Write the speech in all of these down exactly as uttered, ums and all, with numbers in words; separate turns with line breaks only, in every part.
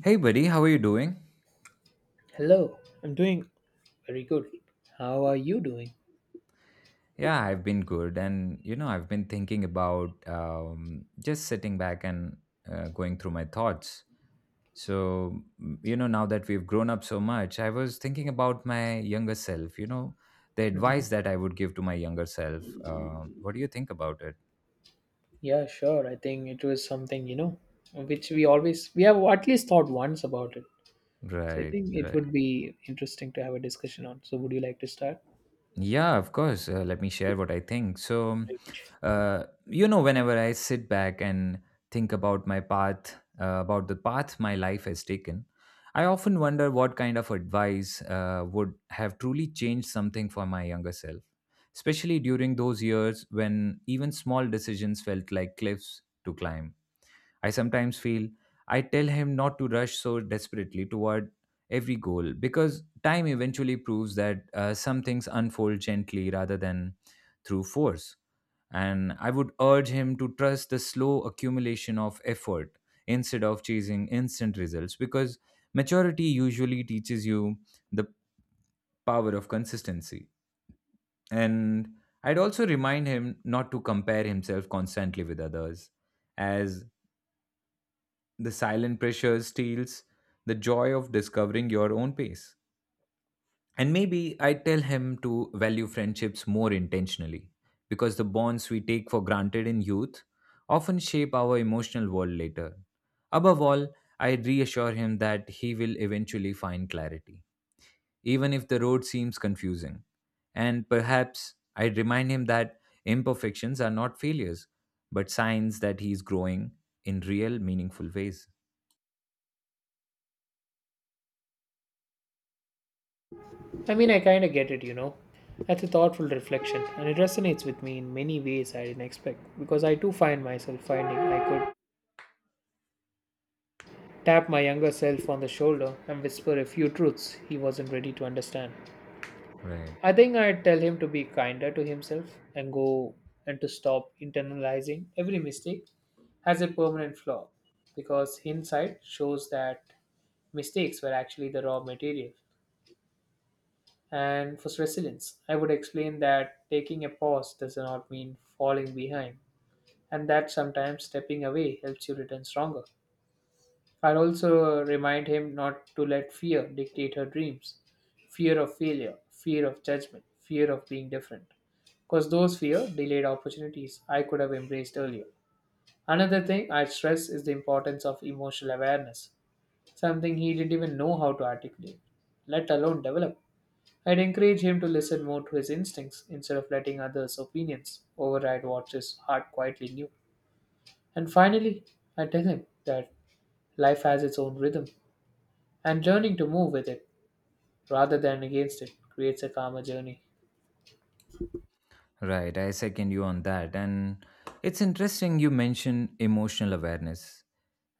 Hey, buddy, how are you doing?
Hello, I'm doing very good. How are you doing?
Yeah, I've been good. And, you know, I've been thinking about um, just sitting back and uh, going through my thoughts. So, mm, you know, now that we've grown up so much, I was thinking about my younger self, you know, the
hmm
advice that I would give to my younger self. Um what do you think about it?
Yeah, sure. I think it was something, you know, which we always, we have at least thought once about it. So I
Right,
think it
right.
would be interesting to have a discussion on. So would you like to start?
Yeah, of course. Uh, let me share what I think. So, uh, you know, whenever I sit back and think about my path, uh, about the path my life has taken, I often wonder what kind of advice uh, would have truly changed something for my younger self, especially during those years when even small decisions felt like cliffs to climb. I sometimes feel I tell him not to rush so desperately toward every goal because time eventually proves that uh, some things unfold gently rather than through force. And I would urge him to trust the slow accumulation of effort instead of chasing instant results because maturity usually teaches you the power of consistency. And I'd also remind him not to compare himself constantly with others as the silent pressure steals the joy of discovering your own pace. And maybe I tell him to value friendships more intentionally because the bonds we take for granted in youth often shape our emotional world later. Above all, I reassure him that he will eventually find clarity, even if the road seems confusing. And perhaps I remind him that imperfections are not failures, but signs that he is growing in real, meaningful ways.
I mean, I kind of get it, you know. That's a thoughtful reflection, and it resonates with me in many ways I didn't expect. Because I too find myself finding I could tap my younger self on the shoulder and whisper a few truths he wasn't ready to understand.
Right.
I think I'd tell him to be kinder to himself and go and to stop internalizing every mistake as a permanent flaw because hindsight shows that mistakes were actually the raw material. And for resilience, I would explain that taking a pause does not mean falling behind and that sometimes stepping away helps you return stronger. I'll also remind him not to let fear dictate her dreams fear of failure, fear of judgment, fear of being different. Because those fear delayed opportunities I could have embraced earlier. Another thing I'd stress is the importance of emotional awareness, something he didn't even know how to articulate, let alone develop. I'd encourage him to listen more to his instincts instead of letting others' opinions override what his heart quietly knew. And finally, I tell him that life has its own rhythm and learning to move with it rather than against it creates a calmer journey.
Right, I second you on that. And it's interesting you mention emotional awareness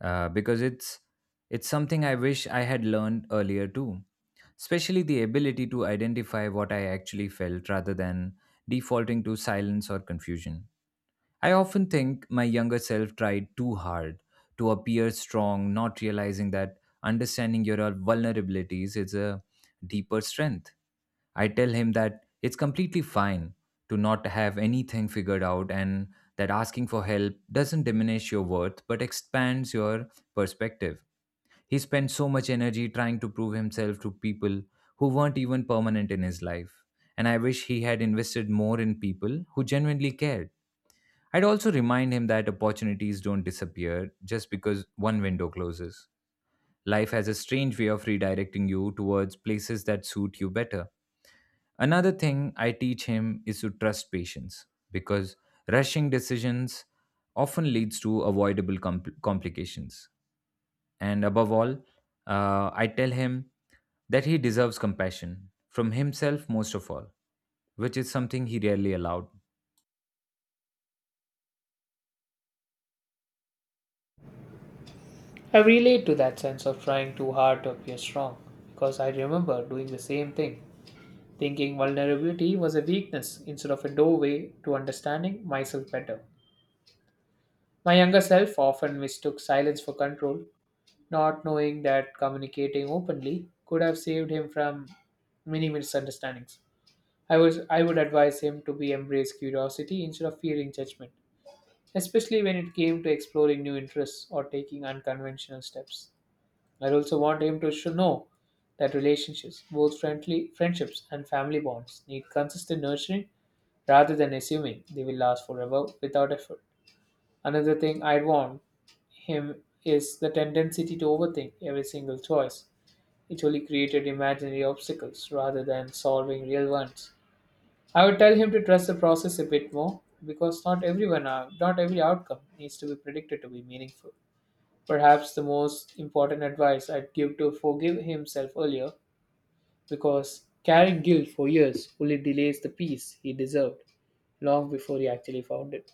uh, because it's it's something I wish I had learned earlier too. Especially the ability to identify what I actually felt rather than defaulting to silence or confusion. I often think my younger self tried too hard to appear strong, not realizing that understanding your vulnerabilities is a deeper strength. I tell him that it's completely fine to not have anything figured out and that asking for help doesn't diminish your worth but expands your perspective. He spent so much energy trying to prove himself to people who weren't even permanent in his life. And I wish he had invested more in people who genuinely cared. I'd also remind him that opportunities don't disappear just because one window closes. Life has a strange way of redirecting you towards places that suit you better. Another thing I teach him is to trust patience because rushing decisions often leads to avoidable compl- complications. And above all, uh, I tell him that he deserves compassion from himself most of all, which is something he rarely allowed.
I relate to that sense of trying too hard to appear strong because I remember doing the same thing, thinking vulnerability was a weakness instead of a doorway to understanding myself better. My younger self often mistook silence for control, not knowing that communicating openly could have saved him from many misunderstandings. I was I would advise him to be embrace curiosity instead of fearing judgment especially when it came to exploring new interests or taking unconventional steps. I also want him to should know that relationships, both friendly friendships and family bonds, need consistent nurturing rather than assuming they will last forever without effort. Another thing I'd want him is the tendency to overthink every single choice. It only created imaginary obstacles rather than solving real ones. I would tell him to trust the process a bit more because not everyone, uh, not every outcome needs to be predicted to be meaningful. Perhaps the most important advice I'd give to forgive himself earlier because carrying guilt for years only delays the peace he deserved long before he actually found it.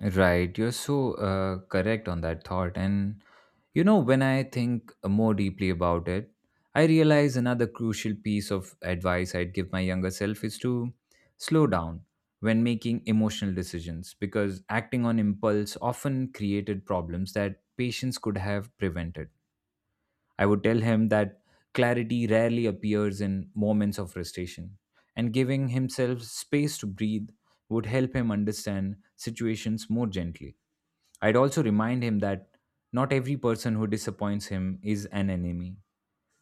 Right, you're so uh, correct on that thought. And you know, when I think more deeply about it, I realize another crucial piece of advice I'd give my younger self is to slow down when making emotional decisions because acting on impulse often created problems that patients could have prevented. I would tell him that clarity rarely appears in moments of frustration and giving himself space to breathe would help him understand situations more gently. I'd also remind him that not every person who disappoints him is an enemy.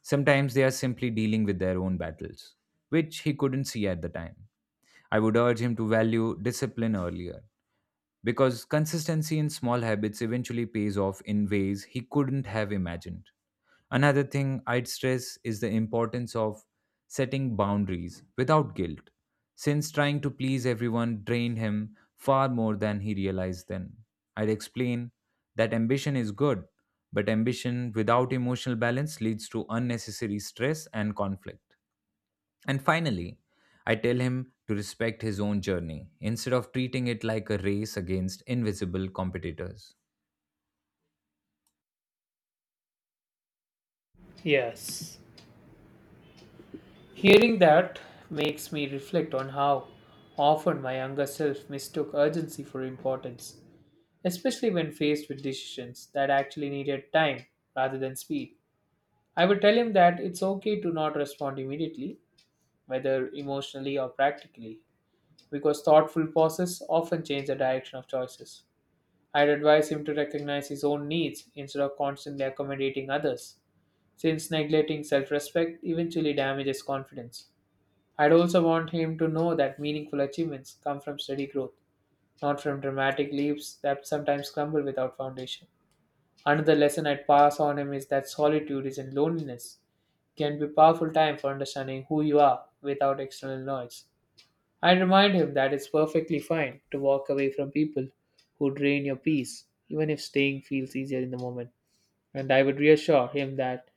Sometimes they are simply dealing with their own battles, which he couldn't see at the time. I would urge him to value discipline earlier because consistency in small habits eventually pays off in ways he couldn't have imagined. Another thing I'd stress is the importance of setting boundaries without guilt, since trying to please everyone drained him far more than he realized then. I'd explain that ambition is good, but ambition without emotional balance leads to unnecessary stress and conflict. And finally, I tell him to respect his own journey instead of treating it like a race against invisible competitors.
Yes. Hearing that makes me reflect on how often my younger self mistook urgency for importance, especially when faced with decisions that actually needed time rather than speed. I would tell him that it's okay to not respond immediately, whether emotionally or practically, because thoughtful pauses often change the direction of choices. I'd advise him to recognize his own needs instead of constantly accommodating others, since neglecting self respect eventually damages confidence. I'd also want him to know that meaningful achievements come from steady growth, not from dramatic leaps that sometimes crumble without foundation. Another lesson I'd pass on him is that solitude isn't loneliness. It can be a powerful time for understanding who you are without external noise. I'd remind him that it's perfectly fine to walk away from people who drain your peace, even if staying feels easier in the moment. And I would reassure him that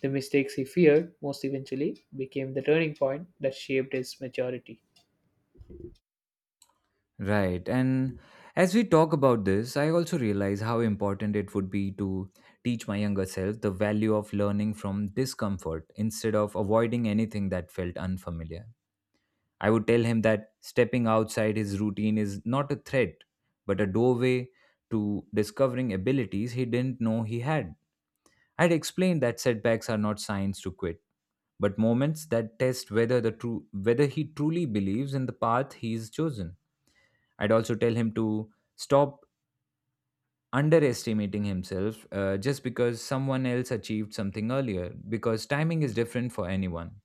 the mistakes he feared most eventually became the turning point that shaped his maturity.
Right. And as we talk about this, I also realize how important it would be to teach my younger self the value of learning from discomfort instead of avoiding anything that felt unfamiliar. I would tell him that stepping outside his routine is not a threat, but a doorway to discovering abilities he didn't know he had. I'd explained that setbacks are not signs to quit, but moments that test whether the true whether he truly believes in the path he's chosen. I'd also tell him to stop underestimating himself uh, just because someone else achieved something earlier, because timing is different for anyone.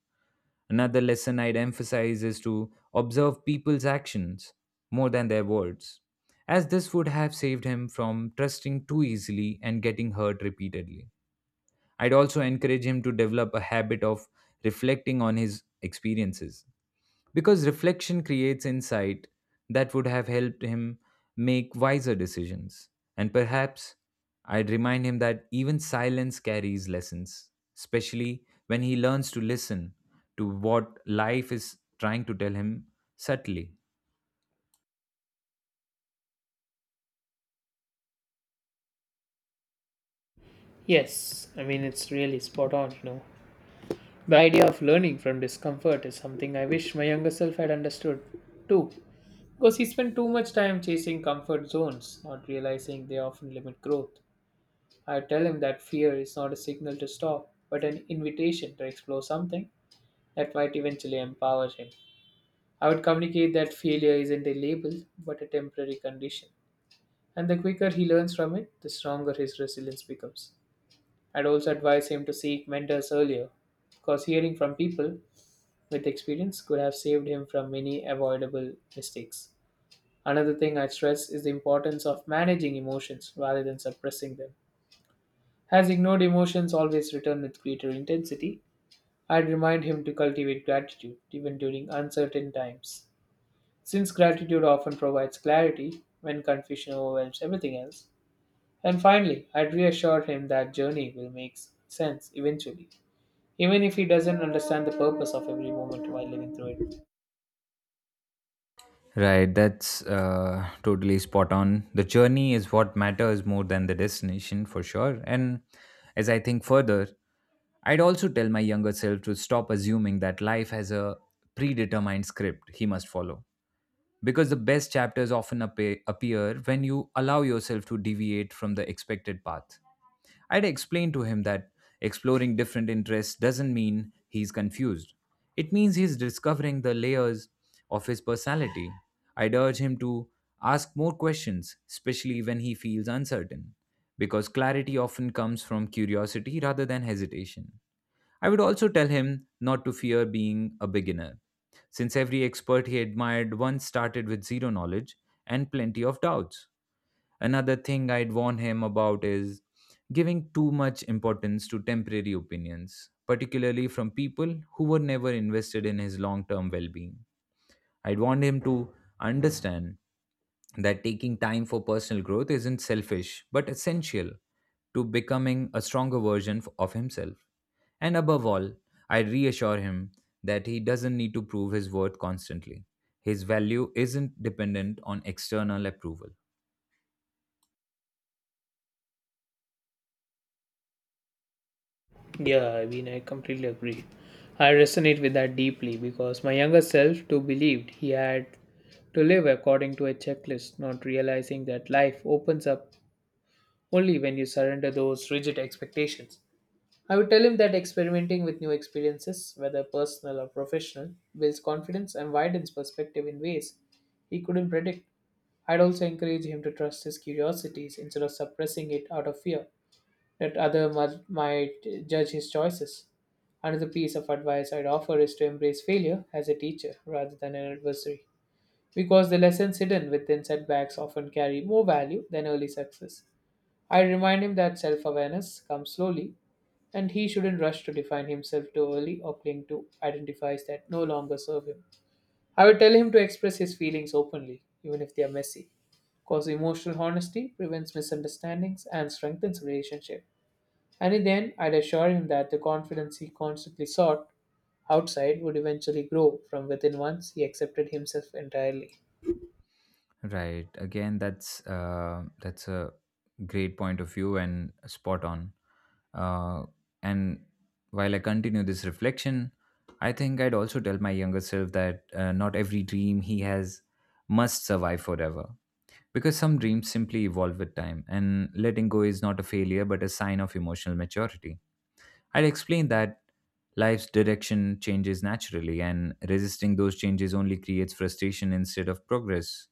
Another lesson I'd emphasize is to observe people's actions more than their words, as this would have saved him from trusting too easily and getting hurt repeatedly. I'd also encourage him to develop a habit of reflecting on his experiences because reflection creates insight that would have helped him make wiser decisions. And perhaps I'd remind him that even silence carries lessons, especially when he learns to listen to what life is trying to tell him subtly.
Yes, I mean, it's really spot on, you know. The idea of learning from discomfort is something I wish my younger self had understood too. Because he spent too much time chasing comfort zones, not realizing they often limit growth. I tell him that fear is not a signal to stop, but an invitation to explore something that might eventually empower him. I would communicate that failure isn't a label, but a temporary condition. And the quicker he learns from it, the stronger his resilience becomes. I'd also advise him to seek mentors earlier, because hearing from people with experience could have saved him from many avoidable mistakes. Another thing I stress is the importance of managing emotions rather than suppressing them. As ignored emotions always return with greater intensity, I'd remind him to cultivate gratitude even during uncertain times. Since gratitude often provides clarity when confusion overwhelms everything else, and finally, I'd reassure him that journey will make sense eventually, even if he doesn't understand the purpose of every moment while living through it.
Right, that's uh, totally spot on. The journey is what matters more than the destination, for sure. And as I think further, I'd also tell my younger self to stop assuming that life has a predetermined script he must follow. Because the best chapters often appear appear when you allow yourself to deviate from the expected path. I'd explain to him that exploring different interests doesn't mean he's confused. It means he's discovering the layers of his personality. I'd urge him to ask more questions, especially when he feels uncertain, because clarity often comes from curiosity rather than hesitation. I would also tell him not to fear being a beginner, since every expert he admired once started with zero knowledge and plenty of doubts. Another thing I'd warn him about is giving too much importance to temporary opinions, particularly from people who were never invested in his long term well being. I'd want him to understand that taking time for personal growth isn't selfish, but essential to becoming a stronger version f- of himself. And above all, I reassure him that he doesn't need to prove his worth constantly. His value isn't dependent on external approval.
Yeah, I mean, I completely agree. I resonate with that deeply because my younger self too believed he had to live according to a checklist, not realizing that life opens up only when you surrender those rigid expectations. I would tell him that experimenting with new experiences, whether personal or professional, builds confidence and widens perspective in ways he couldn't predict. I'd also encourage him to trust his curiosities instead of suppressing it out of fear that other mu- might judge his choices. Another piece of advice I'd offer is to embrace failure as a teacher rather than an adversary, because the lessons hidden within setbacks often carry more value than early success. I remind him that self awareness comes slowly, and he shouldn't rush to define himself too early or cling to identities that no longer serve him. I would tell him to express his feelings openly, even if they are messy, because emotional honesty prevents misunderstandings and strengthens relationship. And then I'd assure him that the confidence he constantly sought outside would eventually grow from within once he accepted himself entirely.
Right. Again, that's uh, that's a great point of view and spot on. Uh, and while I continue this reflection, I think I'd also tell my younger self that uh, not every dream he has must survive forever. Because some dreams simply evolve with time, and letting go is not a failure but a sign of emotional maturity. I'd explain that life's direction changes naturally, and resisting those changes only creates frustration instead of progress.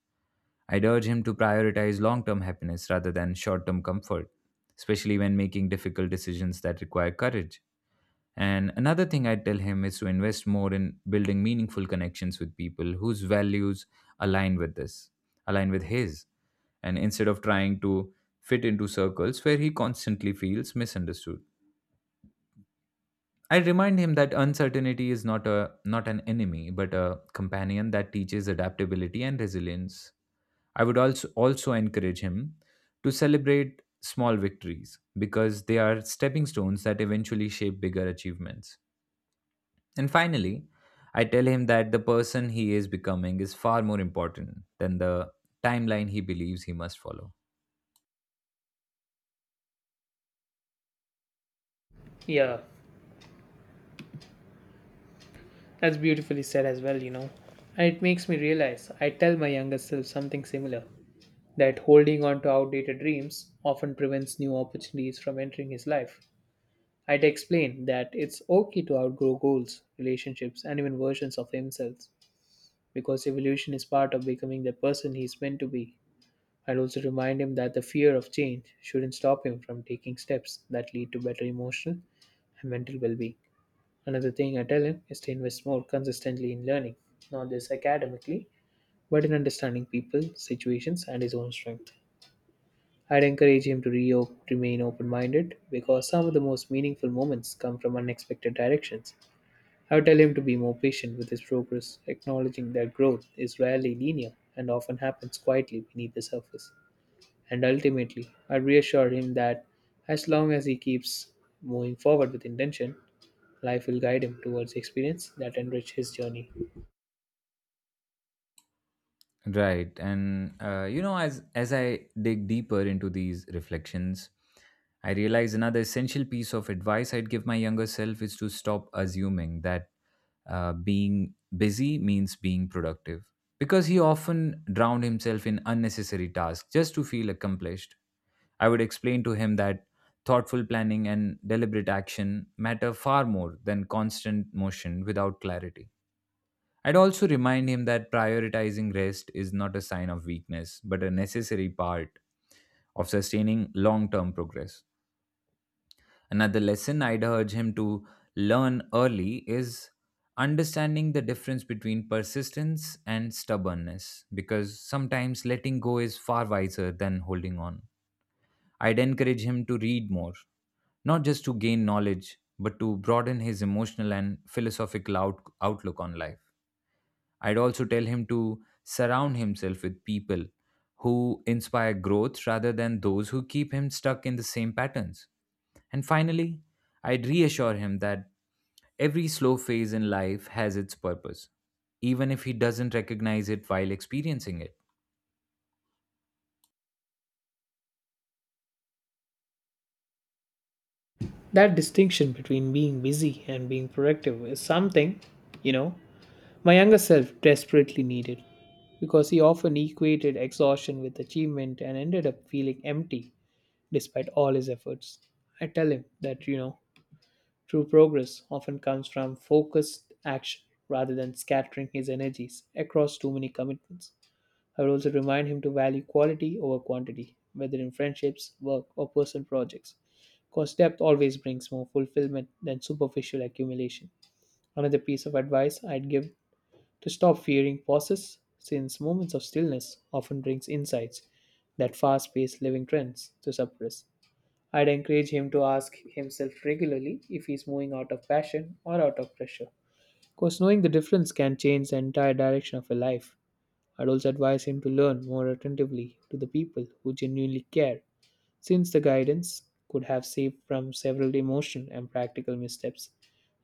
I'd urge him to prioritize long term happiness rather than short term comfort, especially when making difficult decisions that require courage. And another thing I tell him is to invest more in building meaningful connections with people whose values align with this, align with his. And instead of trying to fit into circles where he constantly feels misunderstood. I remind him that uncertainty is not a not an enemy, but a companion that teaches adaptability and resilience. I would also also encourage him to celebrate small victories because they are stepping stones that eventually shape bigger achievements. And finally, I tell him that the person he is becoming is far more important than the timeline he believes he must follow.
Yeah, that's beautifully said as well, you know. And it makes me realize I tell my younger self something similar that holding on to outdated dreams often prevents new opportunities from entering his life. I'd explain that it's okay to outgrow goals, relationships, and even versions of himself because evolution is part of becoming the person he's meant to be. I'd also remind him that the fear of change shouldn't stop him from taking steps that lead to better emotional and mental well being. Another thing I tell him is to invest more consistently in learning, not just academically, but in understanding people, situations, and his own strength. I'd encourage him to re- remain open minded because some of the most meaningful moments come from unexpected directions. I would tell him to be more patient with his progress, acknowledging that growth is rarely linear and often happens quietly beneath the surface. And ultimately, I reassure him that as long as he keeps moving forward with intention, life will guide him towards experience that enrich his journey.
Right. And uh, you know, as as I dig deeper into these reflections, I realize another essential piece of advice I'd give my younger self is to stop assuming that uh, being busy means being productive, because he often drowned himself in unnecessary tasks just to feel accomplished. I would explain to him that thoughtful planning and deliberate action matter far more than constant motion without clarity. I'd also remind him that prioritizing rest is not a sign of weakness, but a necessary part of sustaining long term progress. Another lesson I'd urge him to learn early is understanding the difference between persistence and stubbornness, because sometimes letting go is far wiser than holding on. I'd encourage him to read more, not just to gain knowledge, but to broaden his emotional and philosophical out- outlook on life. I'd also tell him to surround himself with people who inspire growth rather than those who keep him stuck in the same patterns. And finally, I'd reassure him that every slow phase in life has its purpose, even if he doesn't recognize it while experiencing it.
That distinction between being busy and being productive is something, you know, my younger self desperately needed because he often equated exhaustion with achievement and ended up feeling empty despite all his efforts. I tell him that, you know, true progress often comes from focused action rather than scattering his energies across too many commitments. I would also remind him to value quality over quantity, whether in friendships, work, or personal projects, because depth always brings more fulfillment than superficial accumulation. Another piece of advice I'd give to stop fearing pauses, since moments of stillness often brings insights that fast-paced living trends to suppress. I'd encourage him to ask himself regularly if he's moving out of passion or out of pressure. Because knowing the difference can change the entire direction of a life. I'd also advise him to learn more attentively to the people who genuinely care, since the guidance could have saved from several emotional and practical missteps.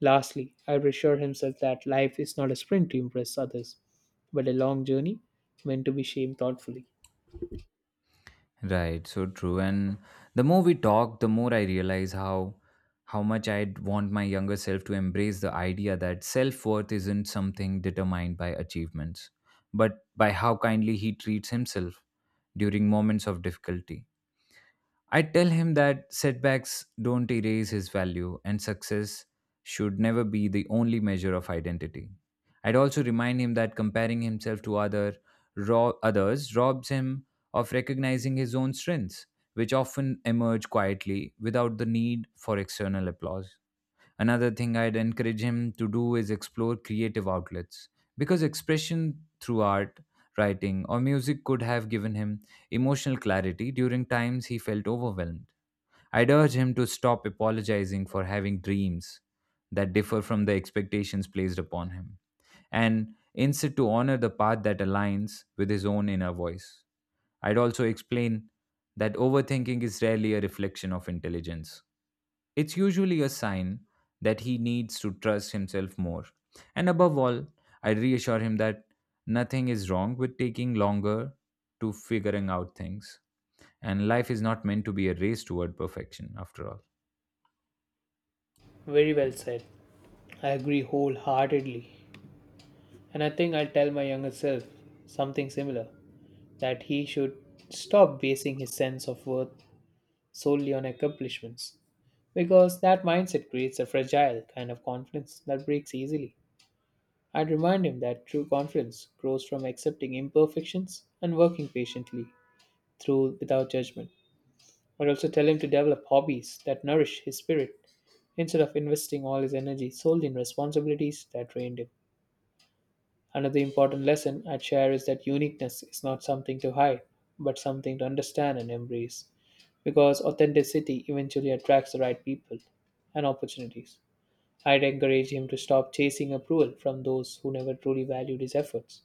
Lastly, I'd reassure himself that life is not a sprint to impress others, but a long journey meant to be shaped thoughtfully.
Right, so true. And the more we talk, the more I realize how how much I'd want my younger self to embrace the idea that self-worth isn't something determined by achievements, but by how kindly he treats himself during moments of difficulty. I tell him that setbacks don't erase his value and success should never be the only measure of identity. I'd also remind him that comparing himself to other raw others robs him of recognizing his own strengths, which often emerge quietly without the need for external applause. Another thing I'd encourage him to do is explore creative outlets because expression through art, writing, or music could have given him emotional clarity during times he felt overwhelmed. I'd urge him to stop apologizing for having dreams that differ from the expectations placed upon him, and instead to honor the path that aligns with his own inner voice. I'd also explain that overthinking is rarely a reflection of intelligence. It's usually a sign that he needs to trust himself more. And above all, I reassure him that nothing is wrong with taking longer to figuring out things. And life is not meant to be a race toward perfection, after all.
Very well said. I agree wholeheartedly. And I think I'll tell my younger self something similar that he should stop basing his sense of worth solely on accomplishments, because that mindset creates a fragile kind of confidence that breaks easily. I'd remind him that true confidence grows from accepting imperfections and working patiently through without judgment. I'd also tell him to develop hobbies that nourish his spirit instead of investing all his energy solely in responsibilities that drain him. Another important lesson I'd share is that uniqueness is not something to hide, but something to understand and embrace, because authenticity eventually attracts the right people and opportunities. I'd encourage him to stop chasing approval from those who never truly valued his efforts,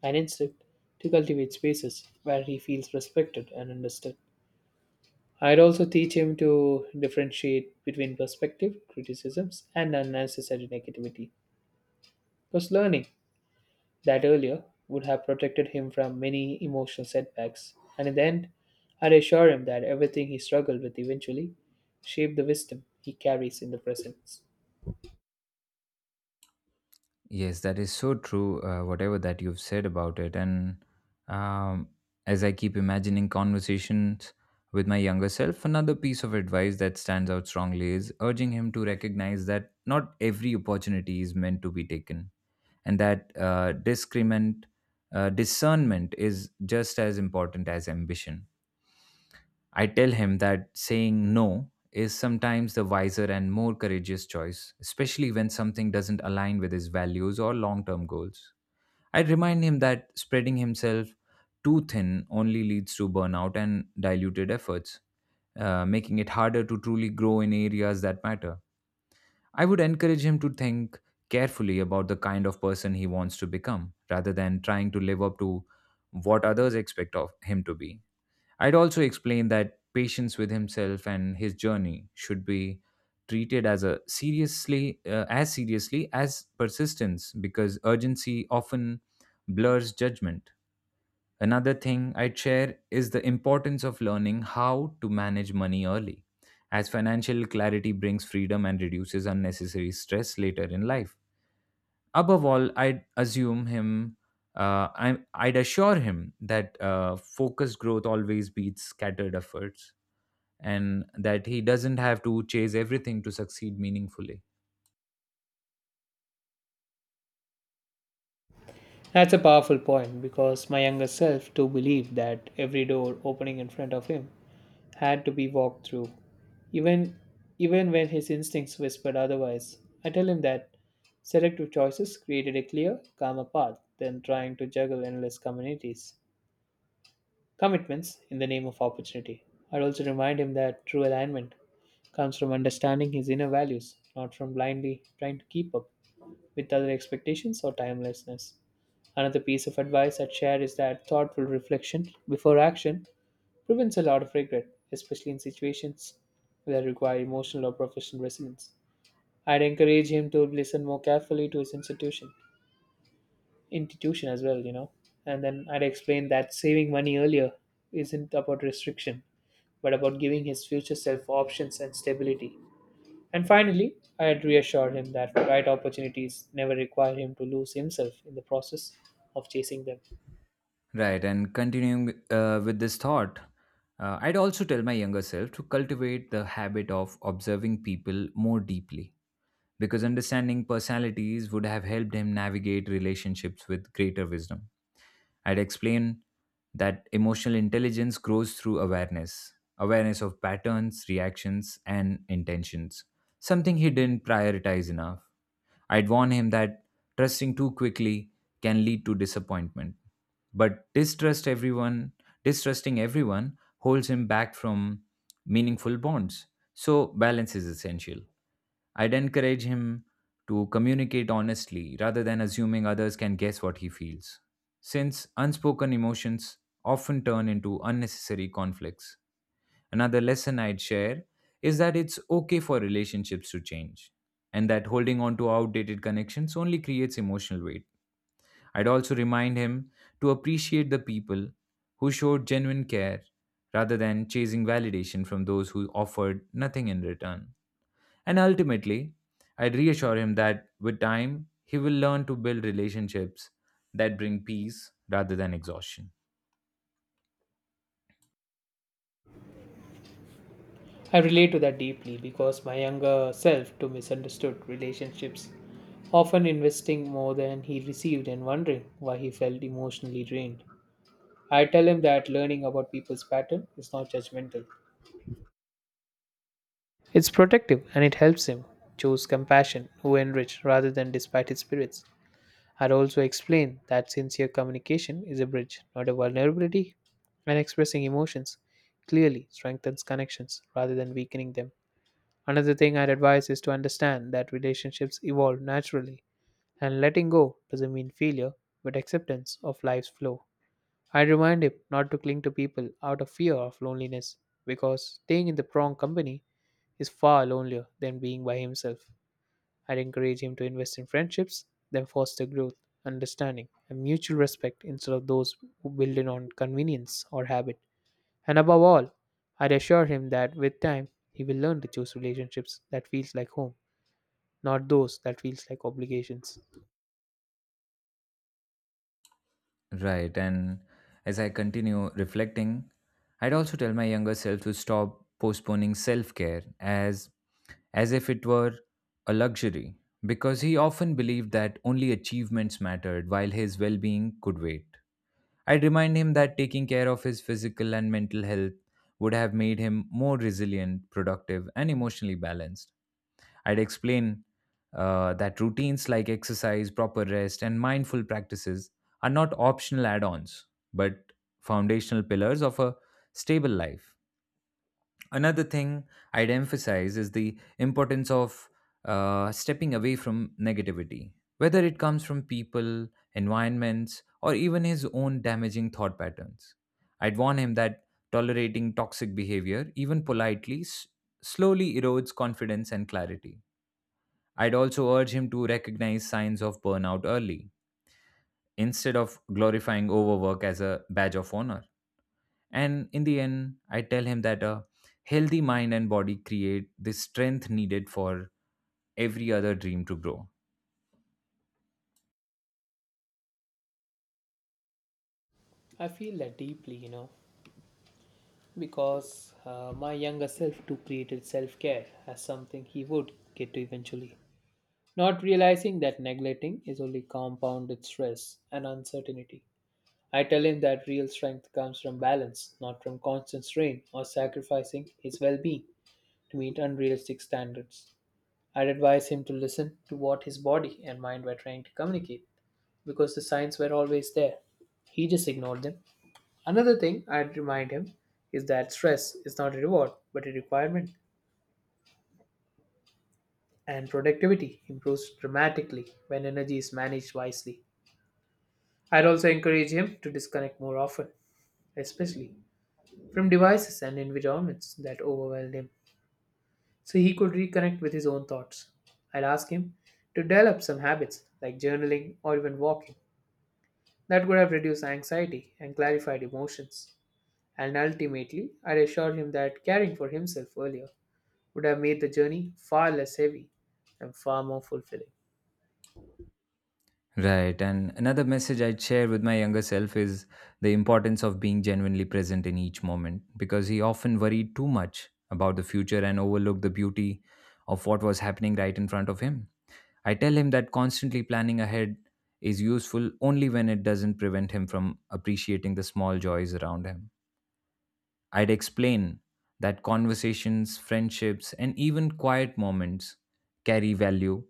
and instead to cultivate spaces where he feels respected and understood. I'd also teach him to differentiate between perspective, criticisms, and unnecessary negativity. Because learning that earlier would have protected him from many emotional setbacks. And in the end, I'd assure him that everything he struggled with eventually shaped the wisdom he carries in the present.
Yes, that is so true, uh, whatever that you've said about it. And um, as I keep imagining conversations with my younger self, another piece of advice that stands out strongly is urging him to recognize that not every opportunity is meant to be taken, and that uh, discrement uh, discernment is just as important as ambition. I tell him that saying no is sometimes the wiser and more courageous choice, especially when something doesn't align with his values or long term goals. I remind him that spreading himself too thin only leads to burnout and diluted efforts, uh, making it harder to truly grow in areas that matter. I would encourage him to think carefully about the kind of person he wants to become rather than trying to live up to what others expect of him to be. I'd also explain that patience with himself and his journey should be treated as a seriously uh, as seriously as persistence, because urgency often blurs judgment. Another thing I'd share is the importance of learning how to manage money early, as financial clarity brings freedom and reduces unnecessary stress later in life. Above all, I'd assume him, uh, I, I'd assure him that uh, focused growth always beats scattered efforts, and that he doesn't have to chase everything to succeed meaningfully.
That's a powerful point because my younger self too believed that every door opening in front of him had to be walked through. Even even when his instincts whispered otherwise, I tell him that selective choices created a clear, calmer path than trying to juggle endless communities. Commitments in the name of opportunity. I'd also remind him that true alignment comes from understanding his inner values, not from blindly trying to keep up with other expectations or timelessness. Another piece of advice I'd share is that thoughtful reflection before action prevents a lot of regret, especially in situations that require emotional or professional resilience. I'd encourage him to listen more carefully to his institution, institution as well, you know. And then I'd explain that saving money earlier isn't about restriction but about giving his future self options and stability. And finally, I had reassured him that right opportunities never require him to lose himself in the process of chasing them.
Right, and continuing uh, with this thought, uh, I'd also tell my younger self to cultivate the habit of observing people more deeply, because understanding personalities would have helped him navigate relationships with greater wisdom. I'd explain that emotional intelligence grows through awareness awareness of patterns, reactions, and intentions, something he didn't prioritize enough. I'd warn him that trusting too quickly can lead to disappointment. But distrust everyone, distrusting everyone holds him back from meaningful bonds. So balance is essential. I'd encourage him to communicate honestly rather than assuming others can guess what he feels, since unspoken emotions often turn into unnecessary conflicts. Another lesson I'd share is that it's okay for relationships to change, and that holding on to outdated connections only creates emotional weight. I'd also remind him to appreciate the people who showed genuine care rather than chasing validation from those who offered nothing in return. And ultimately, I'd reassure him that with time, he will learn to build relationships that bring peace rather than exhaustion.
I relate to that deeply because my younger self too misunderstood relationships, often investing more than he received and wondering why he felt emotionally drained. I tell him that learning about people's pattern is not judgmental. It's protective, and it helps him choose compassion who enrich rather than despite his spirits. I'd also explain that sincere communication is a bridge, not a vulnerability, and expressing emotions clearly strengthens connections rather than weakening them. Another thing I'd advise is to understand that relationships evolve naturally, and letting go doesn't mean failure, but acceptance of life's flow. I'd remind him not to cling to people out of fear of loneliness, because staying in the wrong company is far lonelier than being by himself. I'd encourage him to invest in friendships that foster growth, understanding, and mutual respect instead of those who build it on convenience or habit. And above all, I'd assure him that with time, he will learn to choose relationships that feels like home, not those that feels like obligations.
Right. And as I continue reflecting, I'd also tell my younger self to stop postponing self-care as as if it were a luxury, because he often believed that only achievements mattered while his well-being could wait. I'd remind him that taking care of his physical and mental health would have made him more resilient, productive, and emotionally balanced. I'd explain uh, that routines like exercise, proper rest, and mindful practices are not optional add ons, but foundational pillars of a stable life. Another thing I'd emphasize is the importance of uh, stepping away from negativity, whether it comes from people, environments, or even his own damaging thought patterns. I'd warn him that tolerating toxic behavior, even politely, s- slowly erodes confidence and clarity. I'd also urge him to recognize signs of burnout early instead of glorifying overwork as a badge of honor. And in the end, I tell him that a healthy mind and body create the strength needed for every other dream to grow.
I feel that deeply, you know, because uh, my younger self too created self-care as something he would get to eventually, not realizing that neglecting is only compounded stress and uncertainty. I tell him that real strength comes from balance, not from constant strain or sacrificing his well being to meet unrealistic standards. I'd advise him to listen to what his body and mind were trying to communicate because the signs were always there. He just ignored them. Another thing I'd remind him is that stress is not a reward but a requirement, and productivity improves dramatically when energy is managed wisely. I'd also encourage him to disconnect more often, especially from devices and environments that overwhelmed him, so he could reconnect with his own thoughts. I'd ask him to develop some habits like journaling or even walking that would have reduced anxiety and clarified emotions. And ultimately, I'd assured him that caring for himself earlier would have made the journey far less heavy and far more fulfilling.
Right. And another message I'd share with my younger self is the importance of being genuinely present in each moment, because he often worried too much about the future and overlooked the beauty of what was happening right in front of him. I tell him that constantly planning ahead is useful only when it doesn't prevent him from appreciating the small joys around him. I'd explain that conversations, friendships, and even quiet moments carry value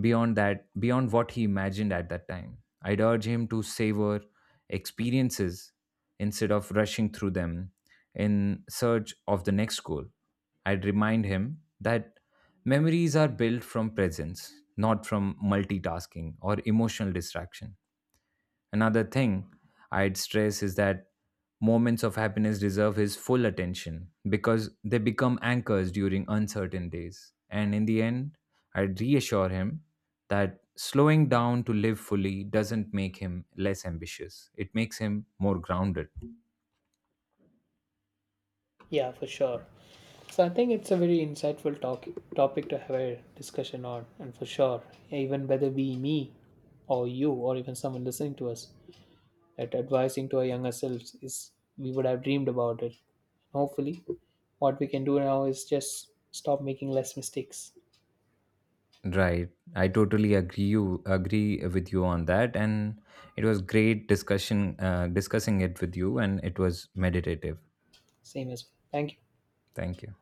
beyond that beyond what he imagined at that time. I'd urge him to savor experiences instead of rushing through them in search of the next goal. I'd remind him that memories are built from presence, not from multitasking or emotional distraction. Another thing I'd stress is that moments of happiness deserve his full attention, because they become anchors during uncertain days. And in the end, I'd reassure him that slowing down to live fully doesn't make him less ambitious. It makes him more grounded.
Yeah, for sure. So I think it's a very insightful talk, topic to have a discussion on, and for sure, even whether be me or you or even someone listening to us, that advising to our younger selves is we would have dreamed about it. Hopefully, what we can do now is just stop making less mistakes.
Right. I totally agree you agree with you on that, and it was great discussion uh, discussing it with you, and it was meditative.
Same as well. Thank you.
Thank you.